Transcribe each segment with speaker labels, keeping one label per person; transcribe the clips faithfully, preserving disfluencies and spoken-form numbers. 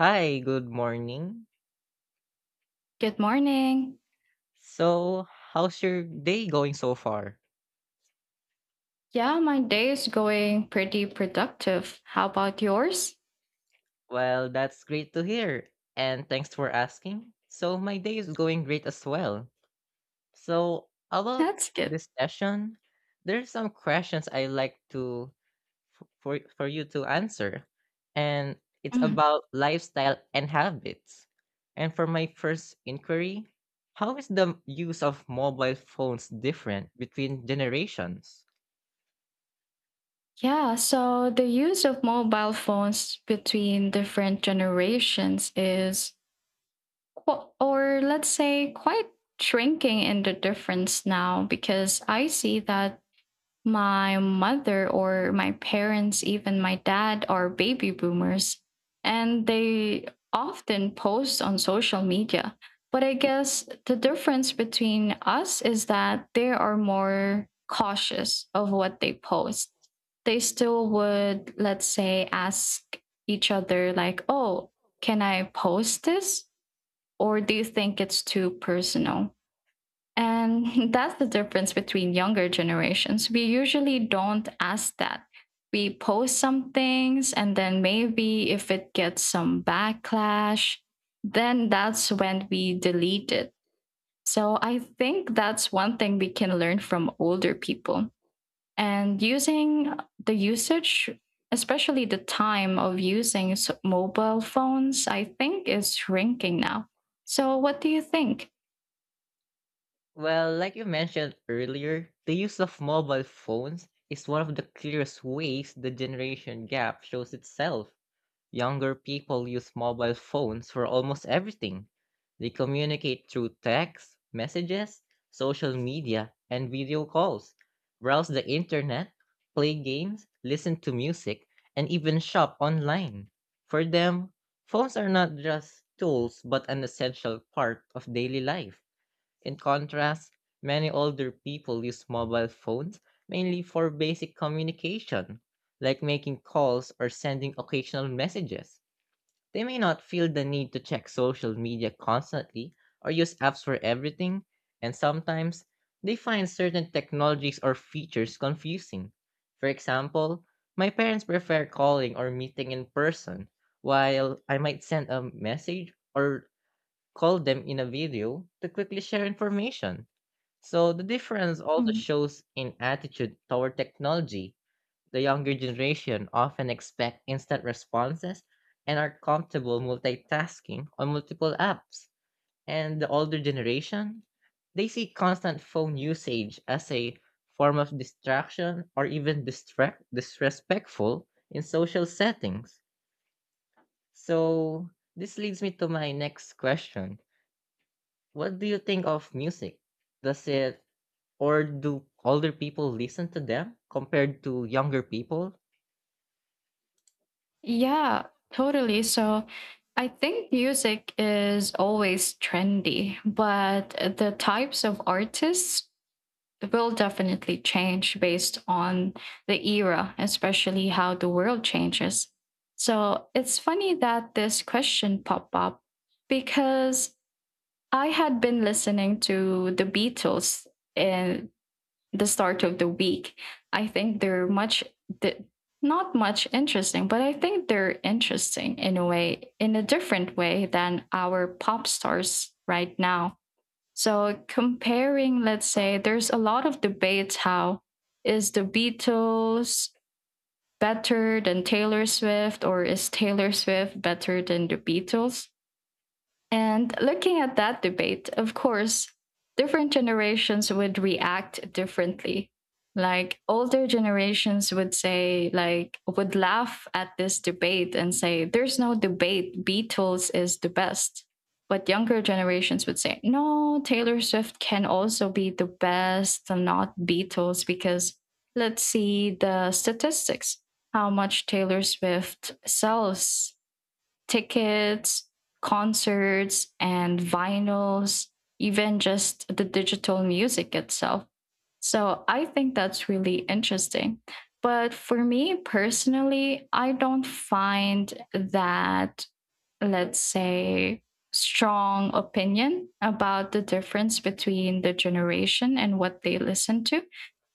Speaker 1: Hi, good morning.
Speaker 2: Good morning.
Speaker 1: So, how's your day going so far?
Speaker 2: Yeah, my day is going pretty productive. How about yours?
Speaker 1: Well, that's great to hear. And thanks for asking. So, my day is going great as well. So, about
Speaker 2: That's good.
Speaker 1: this session, there's some questions I like to f- for for you to answer. And it's
Speaker 2: Mm.
Speaker 1: about lifestyle and habits. And for my first inquiry, how is the use of mobile phones different between generations?
Speaker 2: Yeah, so the use of mobile phones between different generations is, qu- or let's say, quite shrinking in the difference now because I see that my mother or my parents, even my dad, are baby boomers and they often post on social media. But I guess the difference between us is that they are more cautious of what they post. They still would, let's say, ask each other, like, oh, can I post this? Or do you think it's too personal? And that's the difference between younger generations. We usually don't ask that. We post some things, and then maybe if it gets some backlash, then that's when we delete it. So I think that's one thing we can learn from older people. And using the usage, especially the time of using s- mobile phones, I think is shrinking now. So, what do you think?
Speaker 1: Well, like you mentioned earlier, the use of mobile phones is one of the clearest ways the generation gap shows itself. Younger people use mobile phones for almost everything. They communicate through text, messages, social media, and video calls, browse the internet, play games, listen to music, and even shop online. For them, phones are not just tools but an essential part of daily life. In contrast, many older people use mobile phones mainly for basic communication, like making calls or sending occasional messages. They may not feel the need to check social media constantly or use apps for everything, and sometimes they find certain technologies or features confusing. For example, my parents prefer calling or meeting in person, while I might send a message or call them in a video to quickly share information. So the difference also shows in attitude toward technology. The younger generation often expect instant responses and are comfortable multitasking on multiple apps. And the older generation, they see constant phone usage as a form of distraction or even distract disrespectful in social settings. So this leads me to my next question. What do you think of music? Does it or do older people listen to them compared to younger people?
Speaker 2: Yeah, totally. So I think music is always trendy, but the types of artists will definitely change based on the era, especially how the world changes. So it's funny that this question popped up because I had been listening to the Beatles the start of the week. I think they're much th- not much interesting, but I think they're interesting in a way, in a different way than our pop stars right now. So comparing, let's say, there's a lot of debates, how is the Beatles better than Taylor Swift, or is Taylor Swift better than the Beatles? And looking at that debate, of course, different generations would react differently. Like older generations would say, like, would laugh at this debate and say, there's no debate, Beatles is the best. But younger generations would say, no, Taylor Swift can also be the best, and not Beatles, because let's see the statistics, how much Taylor Swift sells tickets, concerts, and vinyls, even just the digital music itself. So I think that's really interesting. But for me personally, I don't find that, let's say, strong opinion about the difference between the generation and what they listen to.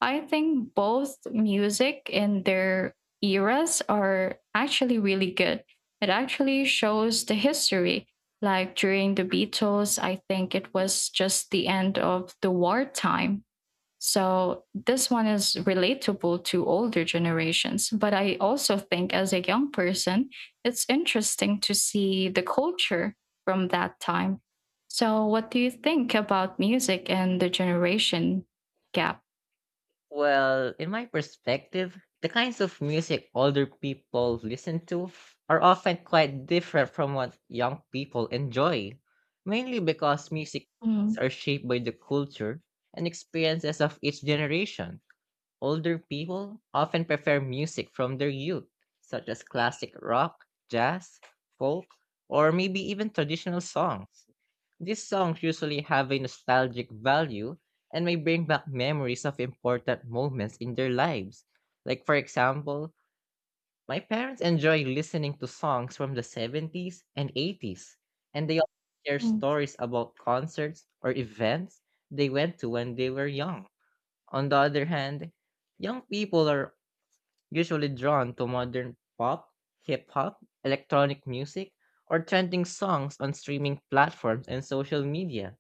Speaker 2: I think both music in their eras are actually really good. It actually shows the history. Like during the Beatles, I think it was just the end of the wartime. So this one is relatable to older generations. But I also think as a young person, it's interesting to see the culture from that time. So what do you think about music and the generation gap?
Speaker 1: Well, in my perspective, the kinds of music older people listen to are often quite different from what young people enjoy, mainly because music tastes
Speaker 2: Mm,
Speaker 1: are shaped by the culture and experiences of each generation. Older people often prefer music from their youth, such as classic rock, jazz, folk, or maybe even traditional songs. These songs usually have a nostalgic value and may bring back memories of important moments in their lives. Like, for example, my parents enjoy listening to songs from the seventies and eighties, and they often share
Speaker 2: mm.
Speaker 1: stories about concerts or events they went to when they were young. On the other hand, young people are usually drawn to modern pop, hip hop, electronic music, or trending songs on streaming platforms and social media.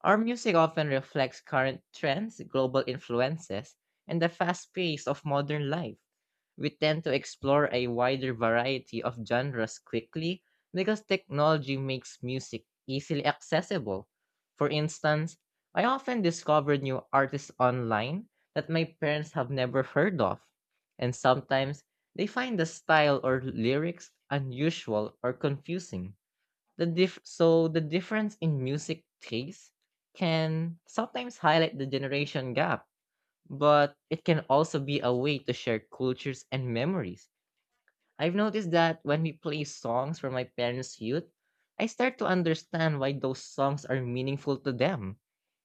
Speaker 1: Our music often reflects current trends, global influences, and the fast pace of modern life. We tend to explore a wider variety of genres quickly because technology makes music easily accessible. For instance, I often discover new artists online that my parents have never heard of, and sometimes they find the style or lyrics unusual or confusing. The diff so the difference in music taste can sometimes highlight the generation gap, but it can also be a way to share cultures and memories. I've noticed that when we play songs from my parents' youth, I start to understand why those songs are meaningful to them,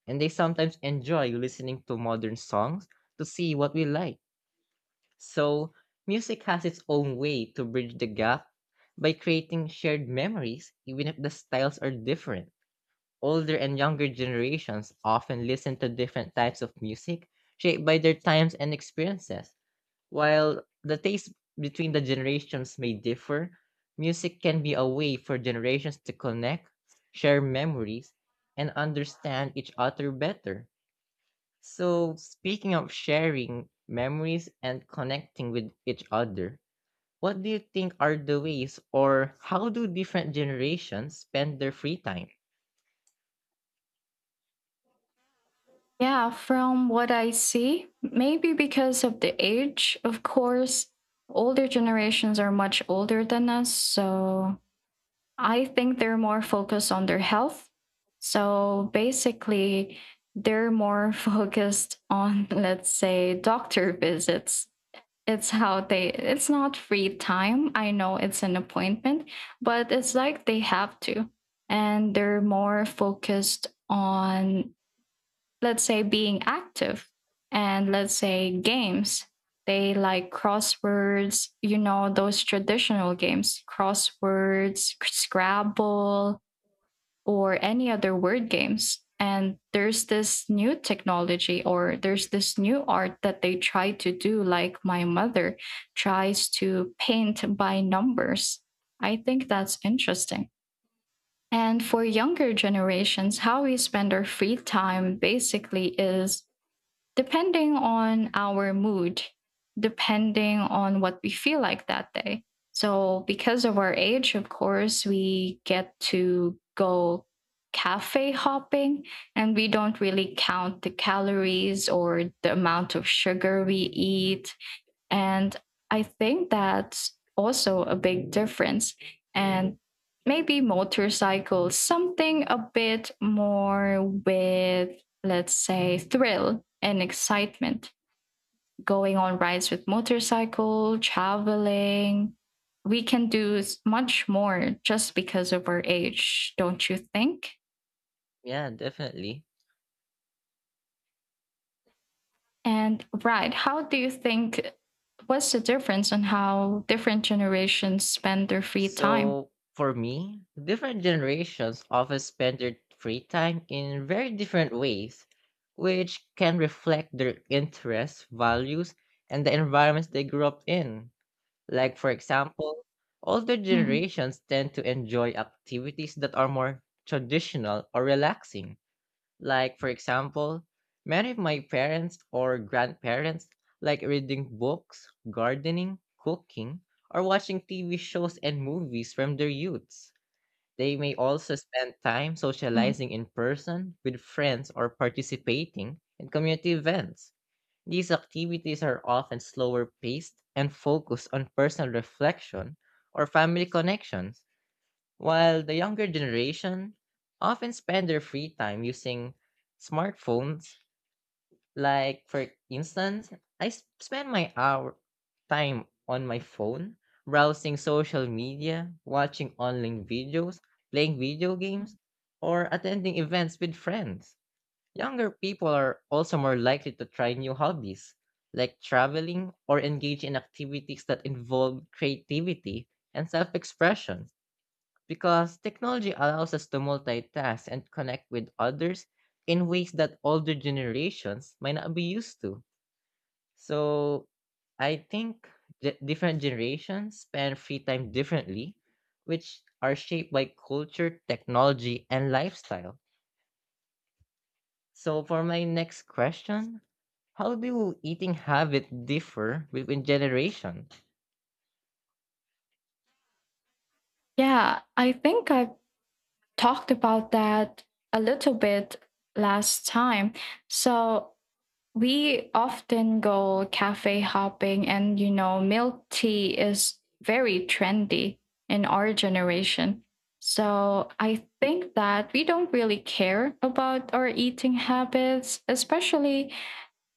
Speaker 1: and they sometimes enjoy listening to modern songs to see what we like. So, music has its own way to bridge the gap by creating shared memories, even if the styles are different. Older and younger generations often listen to different types of music shaped by their times and experiences. While the taste between the generations may differ, music can be a way for generations to connect, share memories, and understand each other better. So, speaking of sharing memories and connecting with each other, what do you think are the ways or how do different generations spend their free time?
Speaker 2: Yeah, from what I see, maybe because of the age, of course, older generations are much older than us. So I think they're more focused on their health. So basically, they're more focused on, let's say, doctor visits. It's how they, it's not free time. I know it's an appointment, but it's like they have to. And they're more focused on, let's say, being active, and let's say, games they like. Crosswords, you know those traditional games, crosswords, scrabble, or any other word games. And there's this new technology, or there's this new art that they try to do, like my mother tries to paint by numbers. I think that's interesting. And for younger generations, how we spend our free time basically is depending on our mood, depending on what we feel like that day. So, because of our age, of course, we get to go cafe hopping, and we don't really count the calories or the amount of sugar we eat, and I think that's also a big difference. And maybe motorcycles, something a bit more with, let's say, thrill and excitement. Going on rides with motorcycle, traveling. We can do s- much more just because of our age, don't you think?
Speaker 1: Yeah, definitely.
Speaker 2: And right, how do you think, what's the difference on how different generations spend their free time?
Speaker 1: So, for me, different generations often spend their free time in very different ways, which can reflect their interests, values, and the environments they grew up in. Like, for example, older
Speaker 2: Hmm,
Speaker 1: generations tend to enjoy activities that are more traditional or relaxing, like, for example, many of my parents or grandparents like reading books, gardening, cooking, or watching T V shows and movies from their youths. They may also spend time
Speaker 2: hmm.
Speaker 1: socializing in person with friends or participating in community events. These activities are often slower paced and focus on personal reflection or family connections. While the younger generation often spend their free time using smartphones, like for instance, I s- spend my hour time on my phone browsing social media, watching online videos, playing video
Speaker 2: Mm.
Speaker 1: games, or attending events with friends. Younger people are also more likely to try new hobbies like traveling or engage in activities that involve creativity and self-expression because technology allows us to multitask and connect with others in ways that older generations might not be used to. So I think ge- different generations spend free time differently, which are shaped by culture, technology, and lifestyle. So for my next question, how do eating habits differ between generations?
Speaker 2: Yeah, I think I talked about that a little bit last time. So we often go cafe hopping, and you know, milk tea is very trendy in our generation. So I think that we don't really care about our eating habits, especially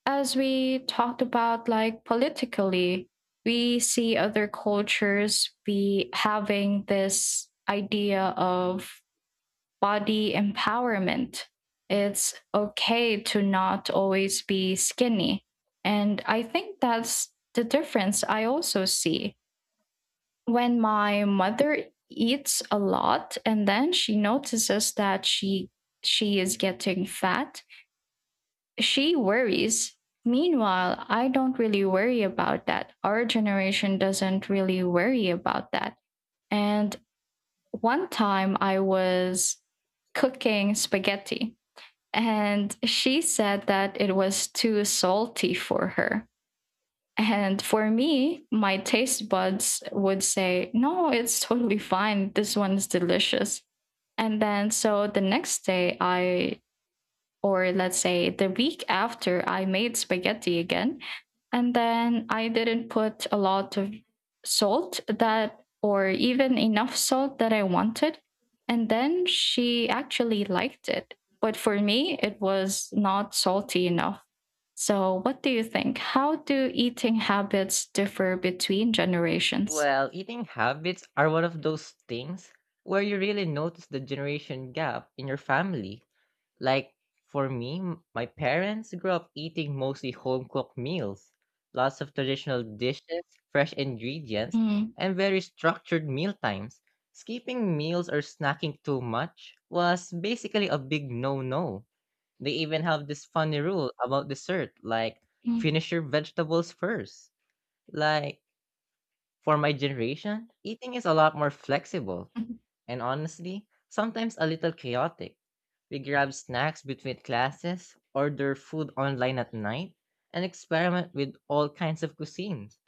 Speaker 2: as we talked about, like, politically, we see other cultures be having this idea of body empowerment. It's okay to not always be skinny. And I think that's the difference. I also see when my mother eats a lot and then she notices that she she is getting fat, she worries. Meanwhile, I don't really worry about that. Our generation doesn't really worry about that. And one time I was cooking spaghetti, and she said that it was too salty for her. And for me, my taste buds would say, no, it's totally fine. This one's delicious. And then, so the next day, I or let's say the week after, I made spaghetti again, and then I didn't put a lot of salt that, or even enough salt that I wanted. And then she actually liked it. But for me, it was not salty enough. So, what do you think? How do eating habits differ between generations?
Speaker 1: Well, eating habits are one of those things where you really notice the generation gap in your family. Like for me, m- my parents grew up eating mostly home cooked meals, lots of traditional dishes, fresh ingredients,
Speaker 2: Mm,
Speaker 1: and very structured meal times. Skipping meals or snacking too much was basically a big no no. They even have this funny rule about dessert, like
Speaker 2: mm,
Speaker 1: finish your vegetables first. Like, for my generation, eating is a lot more flexible
Speaker 2: mhm.
Speaker 1: and honestly, sometimes a little chaotic. We grab snacks between classes, order food online at night, and experiment with all kinds of cuisines.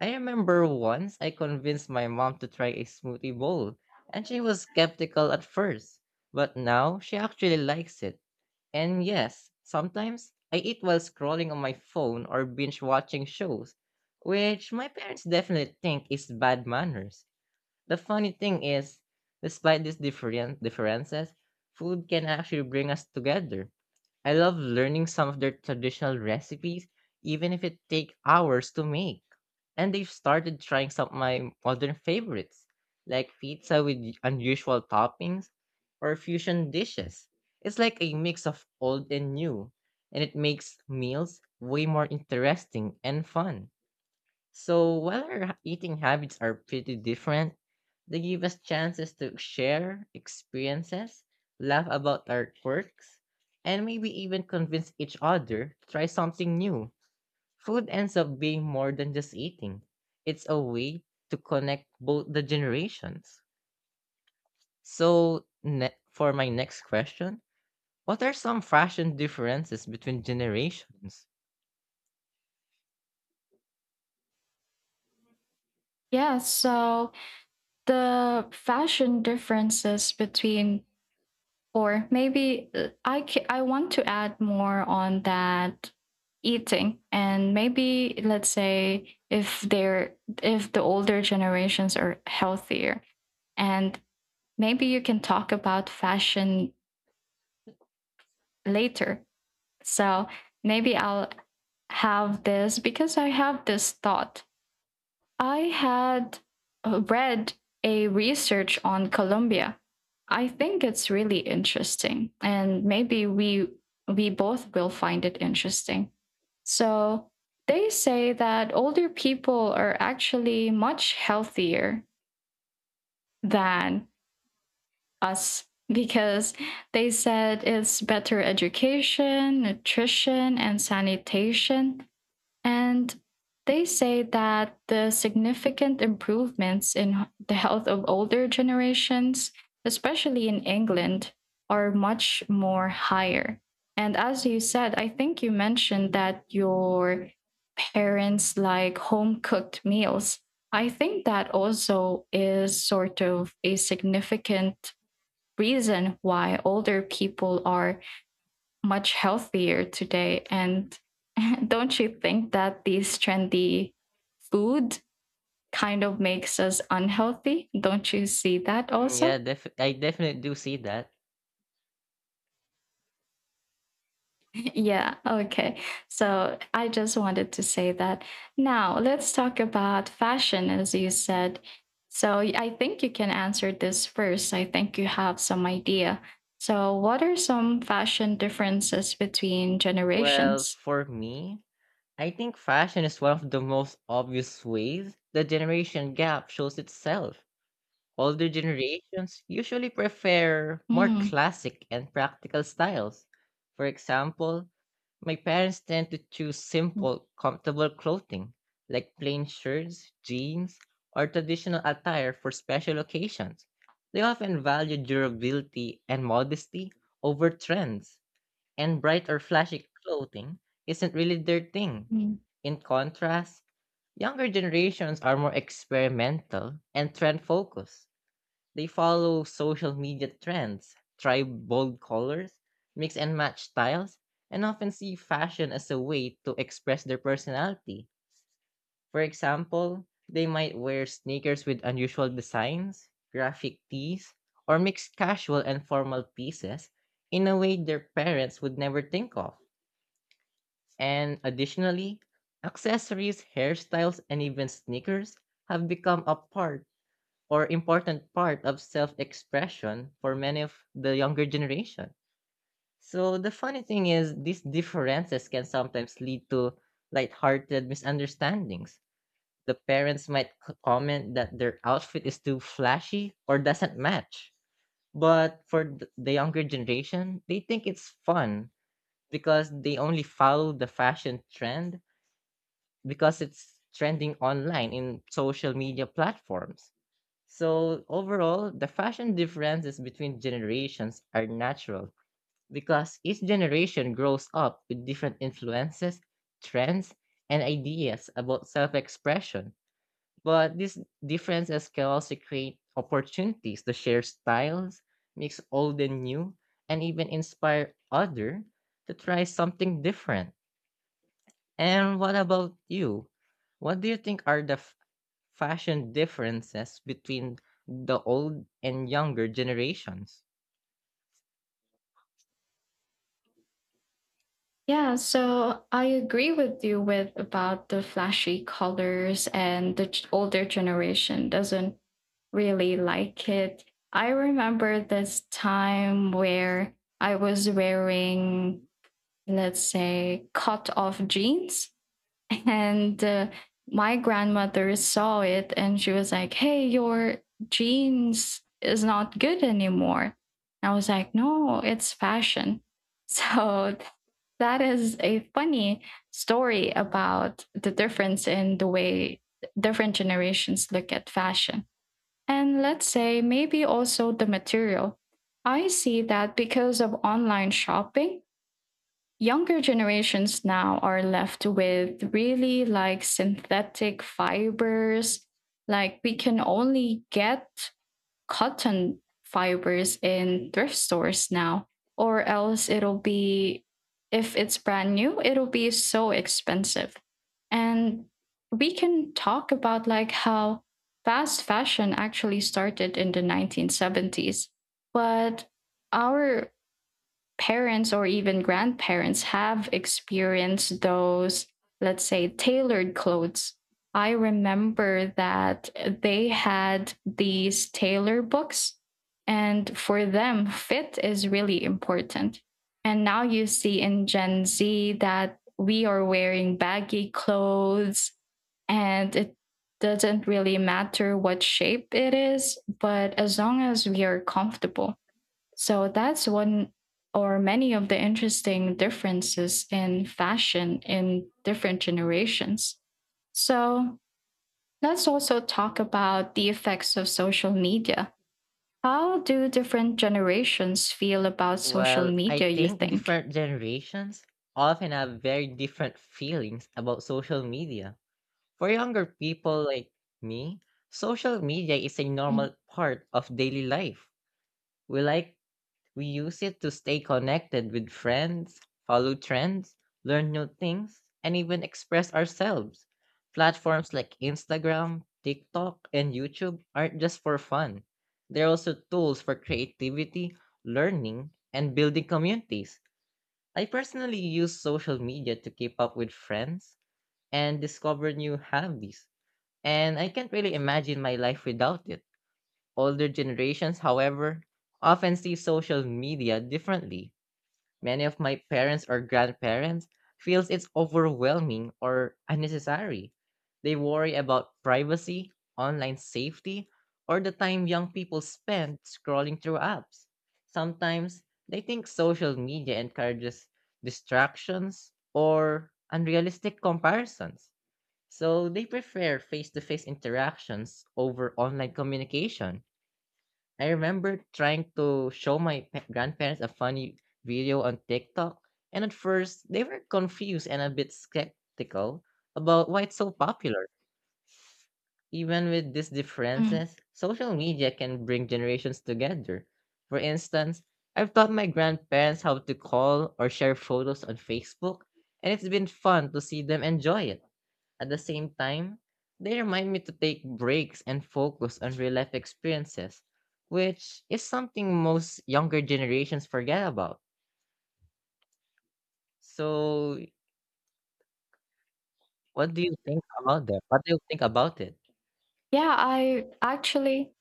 Speaker 1: I remember once I convinced my mom to try a smoothie bowl, and she was skeptical at first, but now she actually likes it. And yes, sometimes I eat while scrolling on my phone or binge watching shows, which my parents definitely think is bad manners. The funny thing is, despite these different differences, food can actually bring us together. I love learning some of their traditional recipes, even if it takes hours to make, and they've started trying some of my modern favorites, like pizza with unusual toppings or fusion dishes. It's like a mix of old and new, and it makes meals way more interesting and fun. So while our ha- eating habits are pretty different, they give us chances to share experiences, laugh about our quirks, and maybe even convince each other to try something new. Food ends up being more than just eating, it's a way to connect both the generations. So, ne- for my next question, what are some fashion differences between generations?
Speaker 2: Yeah, so the fashion differences between, or maybe uh, I ca- I want to add more on that eating, and maybe let's say, if they're if the older generations are healthier, and maybe you can talk about fashion later. So maybe I'll have this because I have this thought. I had uh, read a research on Colombia. I think it's really interesting, and maybe we we both will find it interesting. So they say that older people are actually much healthier than us because they said it's better education, nutrition, and sanitation, and they say that the significant improvements in the health of older generations, especially in England, are much more higher. And as you said, I think you mentioned that your parents like home cooked meals. I think that also is sort of a significant reason why older people are much healthier today. And don't you think that these trendy food kind of makes us unhealthy? Don't you see that
Speaker 1: Mm,
Speaker 2: also?
Speaker 1: yeah, def- I definitely do see that.
Speaker 2: Yeah, okay. So I just wanted to say that. Now, let's talk about fashion, as you said. So I think you can answer this first. I think you have some idea. So, what are some fashion differences between
Speaker 1: Well,
Speaker 2: generations?
Speaker 1: for me, I think fashion is one of the most obvious ways the generation gap shows itself. Older generations usually prefer more
Speaker 2: Mm.
Speaker 1: classic and practical styles. For example, my parents tend to choose simple, comfortable clothing, like plain shirts, jeans, or traditional attire for special occasions. They often value durability and modesty over trends, and bright or flashy clothing isn't really their thing. In contrast, younger generations are more experimental and trend focused. They follow social media trends, try bold colors, mix and match styles, and often see fashion as a way to express their personality. For example, they might wear sneakers with unusual designs, graphic tees, or mix casual and formal pieces in a way their parents would never think of. And additionally, accessories, hairstyles, and even sneakers have become a part or important part of self-expression for many of the younger generation. So the funny thing is these differences can sometimes lead to lighthearted misunderstandings. The parents might c- comment that their outfit is too flashy or doesn't match. But for th- the younger generation, they think it's fun because they only follow the fashion trend because it's trending online in social media platforms. So overall, the fashion differences between generations are natural because each generation grows up with different influences, trends, and ideas about self-expression. But these differences can also create opportunities to share styles, mix old and new, and even inspire other to try something different. And what about you? What do you think are the fashion differences between the old and younger generations?
Speaker 2: Yeah, so I agree with you with about the flashy colors, and the ch- older generation doesn't really like it. I remember this time where I was wearing, let's say, cut off jeans, and uh, my grandmother saw it and she was like, hey, your jeans is not good anymore. And I was like, no, it's fashion. So that is a funny story about the difference in the way different generations look at fashion. And let's say maybe also the material. I see that because of online shopping, younger generations now are left with really like synthetic fibers. Like we can only get cotton fibers in thrift stores now, or else it'll be, if it's brand new, it'll be so expensive. And we can talk about like how fast fashion actually started in the nineteen seventies, but our parents or even grandparents have experienced those, let's say, tailored clothes. I remember that they had these tailor books, and for them, fit is really important. And now you see in Gen Z that we are wearing baggy clothes, and it doesn't really matter what shape it is, but as long as we are comfortable. So that's one or many of the interesting differences in fashion in different generations. So let's also talk about the effects of social media. How do different generations feel about social
Speaker 1: Well, I
Speaker 2: media, you
Speaker 1: think
Speaker 2: think?
Speaker 1: different generations often have very different feelings about social media. For younger people like me, social media is a
Speaker 2: Mm,
Speaker 1: normal part of daily life. We like We use it to stay connected with friends, follow trends, learn new things, and even express ourselves. Platforms like Instagram, TikTok, and YouTube aren't just for fun. They're also tools for creativity, learning, and building communities. I personally use social media to keep up with friends and discover new hobbies. And I can't really imagine my life without it. Older generations, however, often see social media differently. Many of my parents or grandparents feels it's overwhelming or unnecessary. They worry about privacy, online safety, or the time young people spend scrolling through apps. Sometimes they think social media encourages distractions or unrealistic comparisons. So they prefer face-to-face interactions over online communication. I remember trying to show my pa- grandparents a funny video on TikTok, and at first they were confused and a bit skeptical about why it's so popular. Even with these
Speaker 2: mm.
Speaker 1: differences, social media can bring generations together. For instance, I've taught my grandparents how to call or share photos on Facebook, and it's been fun to see them enjoy it. At the same time, they remind me to take breaks and focus on real life experiences, which is something most younger generations forget about. So, what do you think about that? What do you think about it?
Speaker 2: Yeah, I actually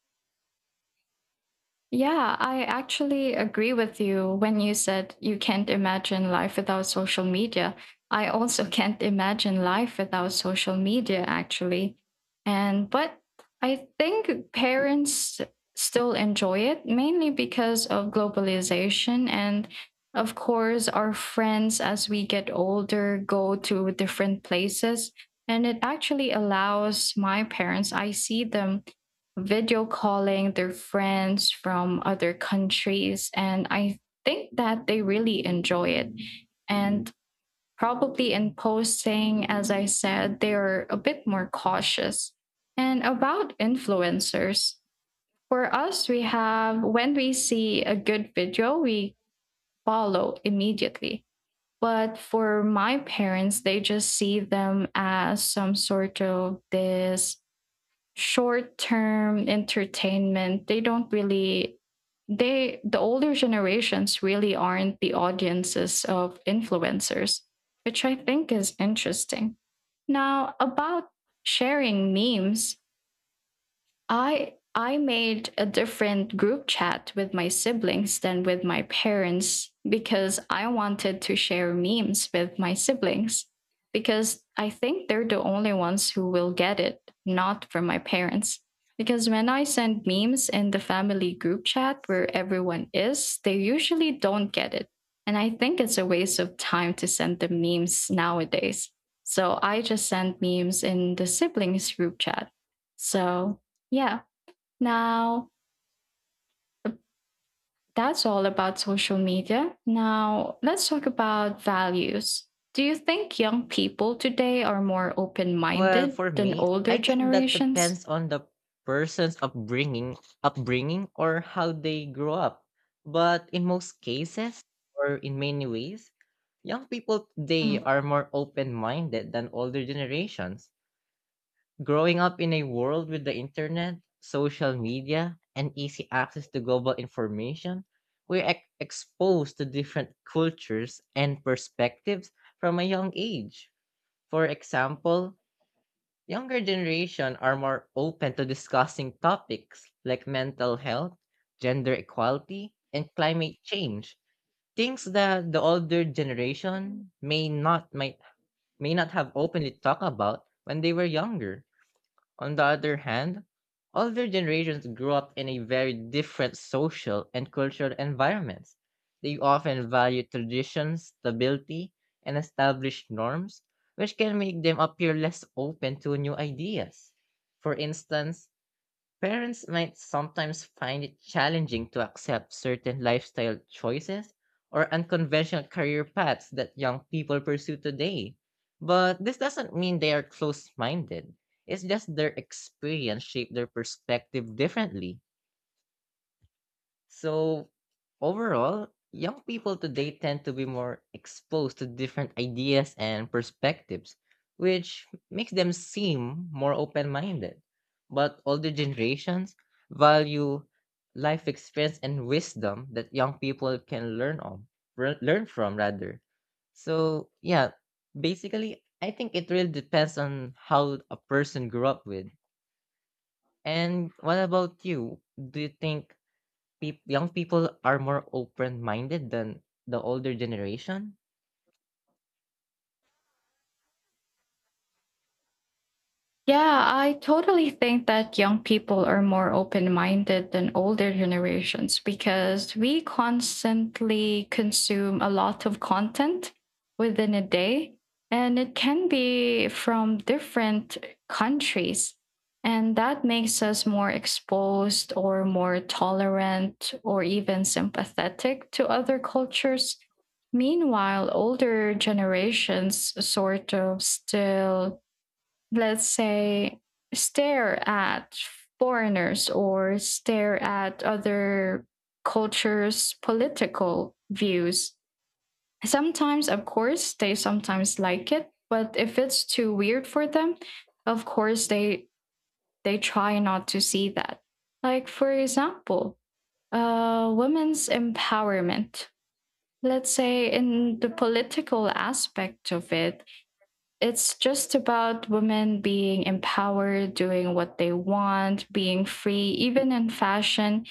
Speaker 2: Yeah, I actually agree with you when you said you can't imagine life without social media. I also can't imagine life without social media, actually. And but I think parents still enjoy it, mainly because of globalization, and of course our friends, as we get older, go to different places, and it actually allows my parents, I see them video calling their friends from other countries. And I think that they really enjoy it. And probably in posting, as I said, they're a bit more cautious. And about influencers, for us, we have when we see a good video, we follow immediately. But for my parents, they just see them as some sort of this short term entertainment. They don't really they the older generations really aren't the audiences of influencers, which I think is interesting. Now, about sharing memes, I I made a different group chat with my siblings than with my parents because I wanted to share memes with my siblings, because I think they're the only ones who will get it, not from my parents. Because when I send memes in the family group chat where everyone is, they usually don't get it. And I think it's a waste of time to send the memes nowadays. So I just send memes in the siblings group chat. So yeah. Now, uh, that's all about social media. Now, let's talk about values. Do you think young people today are more open
Speaker 1: Well,
Speaker 2: minded
Speaker 1: for
Speaker 2: than
Speaker 1: me,
Speaker 2: older
Speaker 1: I think that
Speaker 2: generations?
Speaker 1: depends on the person's upbringing, upbringing or how they grow up. But in most cases, or in many ways, young people today are more open-minded than older generations. Growing up in a world with the internet, social media, and easy access to global information, we're ex- exposed to different cultures and perspectives from a young age. For example, younger generation are more open to discussing topics like mental health, gender equality, and climate change, things that the older generation may not might may not have openly talked about when they were younger. On the other hand, older generations grew up in a very different social and cultural environments. They often value traditions, stability, and established norms, which can make them appear less open to new ideas. For instance, parents might sometimes find it challenging to accept certain lifestyle choices or unconventional career paths that young people pursue today. But this doesn't mean they are close minded. It's just their experience shaped their perspective differently. So overall, young people today tend to be more exposed to different ideas and perspectives, which makes them seem more open minded. But older generations value life experience and wisdom that young people can learn on, re- learn from rather. So yeah, basically, I think it really depends on how a person grew up with. And what about you? Do you think peop young people are more open-minded than the older generation?
Speaker 2: Yeah, I totally think that young people are more open minded than older generations, because we constantly consume a lot of content within a day, and it can be from different countries. And that makes us more exposed, or more tolerant, or even sympathetic to other cultures. Meanwhile, older generations sort of still, let's say, stare at foreigners or stare at other cultures' political views. Sometimes, of course, they sometimes like it, but if it's too weird for them, of course they they try not to see that. Like for example, uh, women's empowerment. Let's say in the political aspect of it, it's just about women being empowered, doing what they want, being free, even in fashion,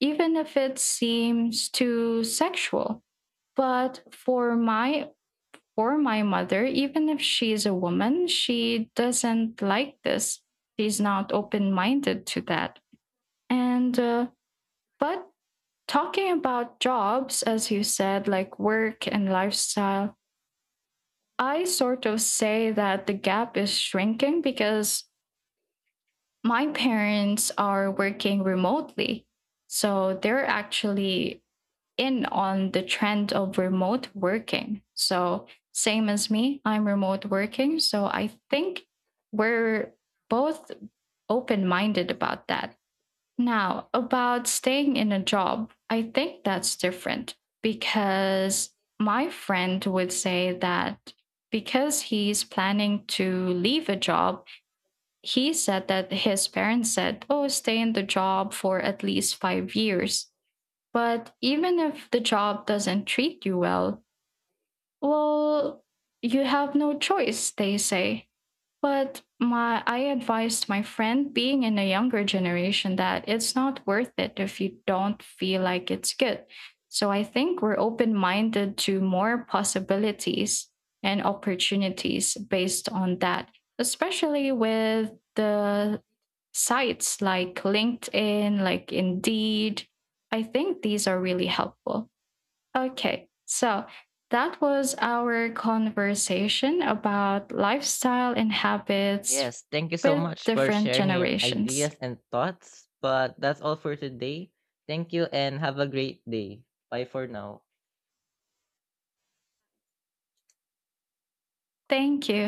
Speaker 2: even if it seems too sexual. But for my for my mother, even if she's a woman, she doesn't like this. She's not open-minded to that. And uh, but talking about jobs, as you said, like work and lifestyle, I sort of say that the gap is shrinking because my parents are working remotely. So they're actually in on the trend of remote working. So, same as me, I'm remote working. So, I think we're both open minded about that. Now, about staying in a job, I think that's different, because my friend would say that, because he's planning to leave a job, he said that his parents said, oh, stay in the job for at least five years. But even if the job doesn't treat you well, well, you have no choice, they say. But my I advised my friend, being in a younger generation, that it's not worth it if you don't feel like it's good. So I think we're open-minded to more possibilities and opportunities based on that, especially with the sites like LinkedIn, like Indeed. I think these are really helpful. Okay, so that was our conversation about lifestyle and habits
Speaker 1: Yes, thank you so
Speaker 2: with
Speaker 1: much for
Speaker 2: different
Speaker 1: sharing your
Speaker 2: generations.
Speaker 1: ideas and thoughts. But that's all for today. Thank you and have a great day. Bye for now.
Speaker 2: Thank you.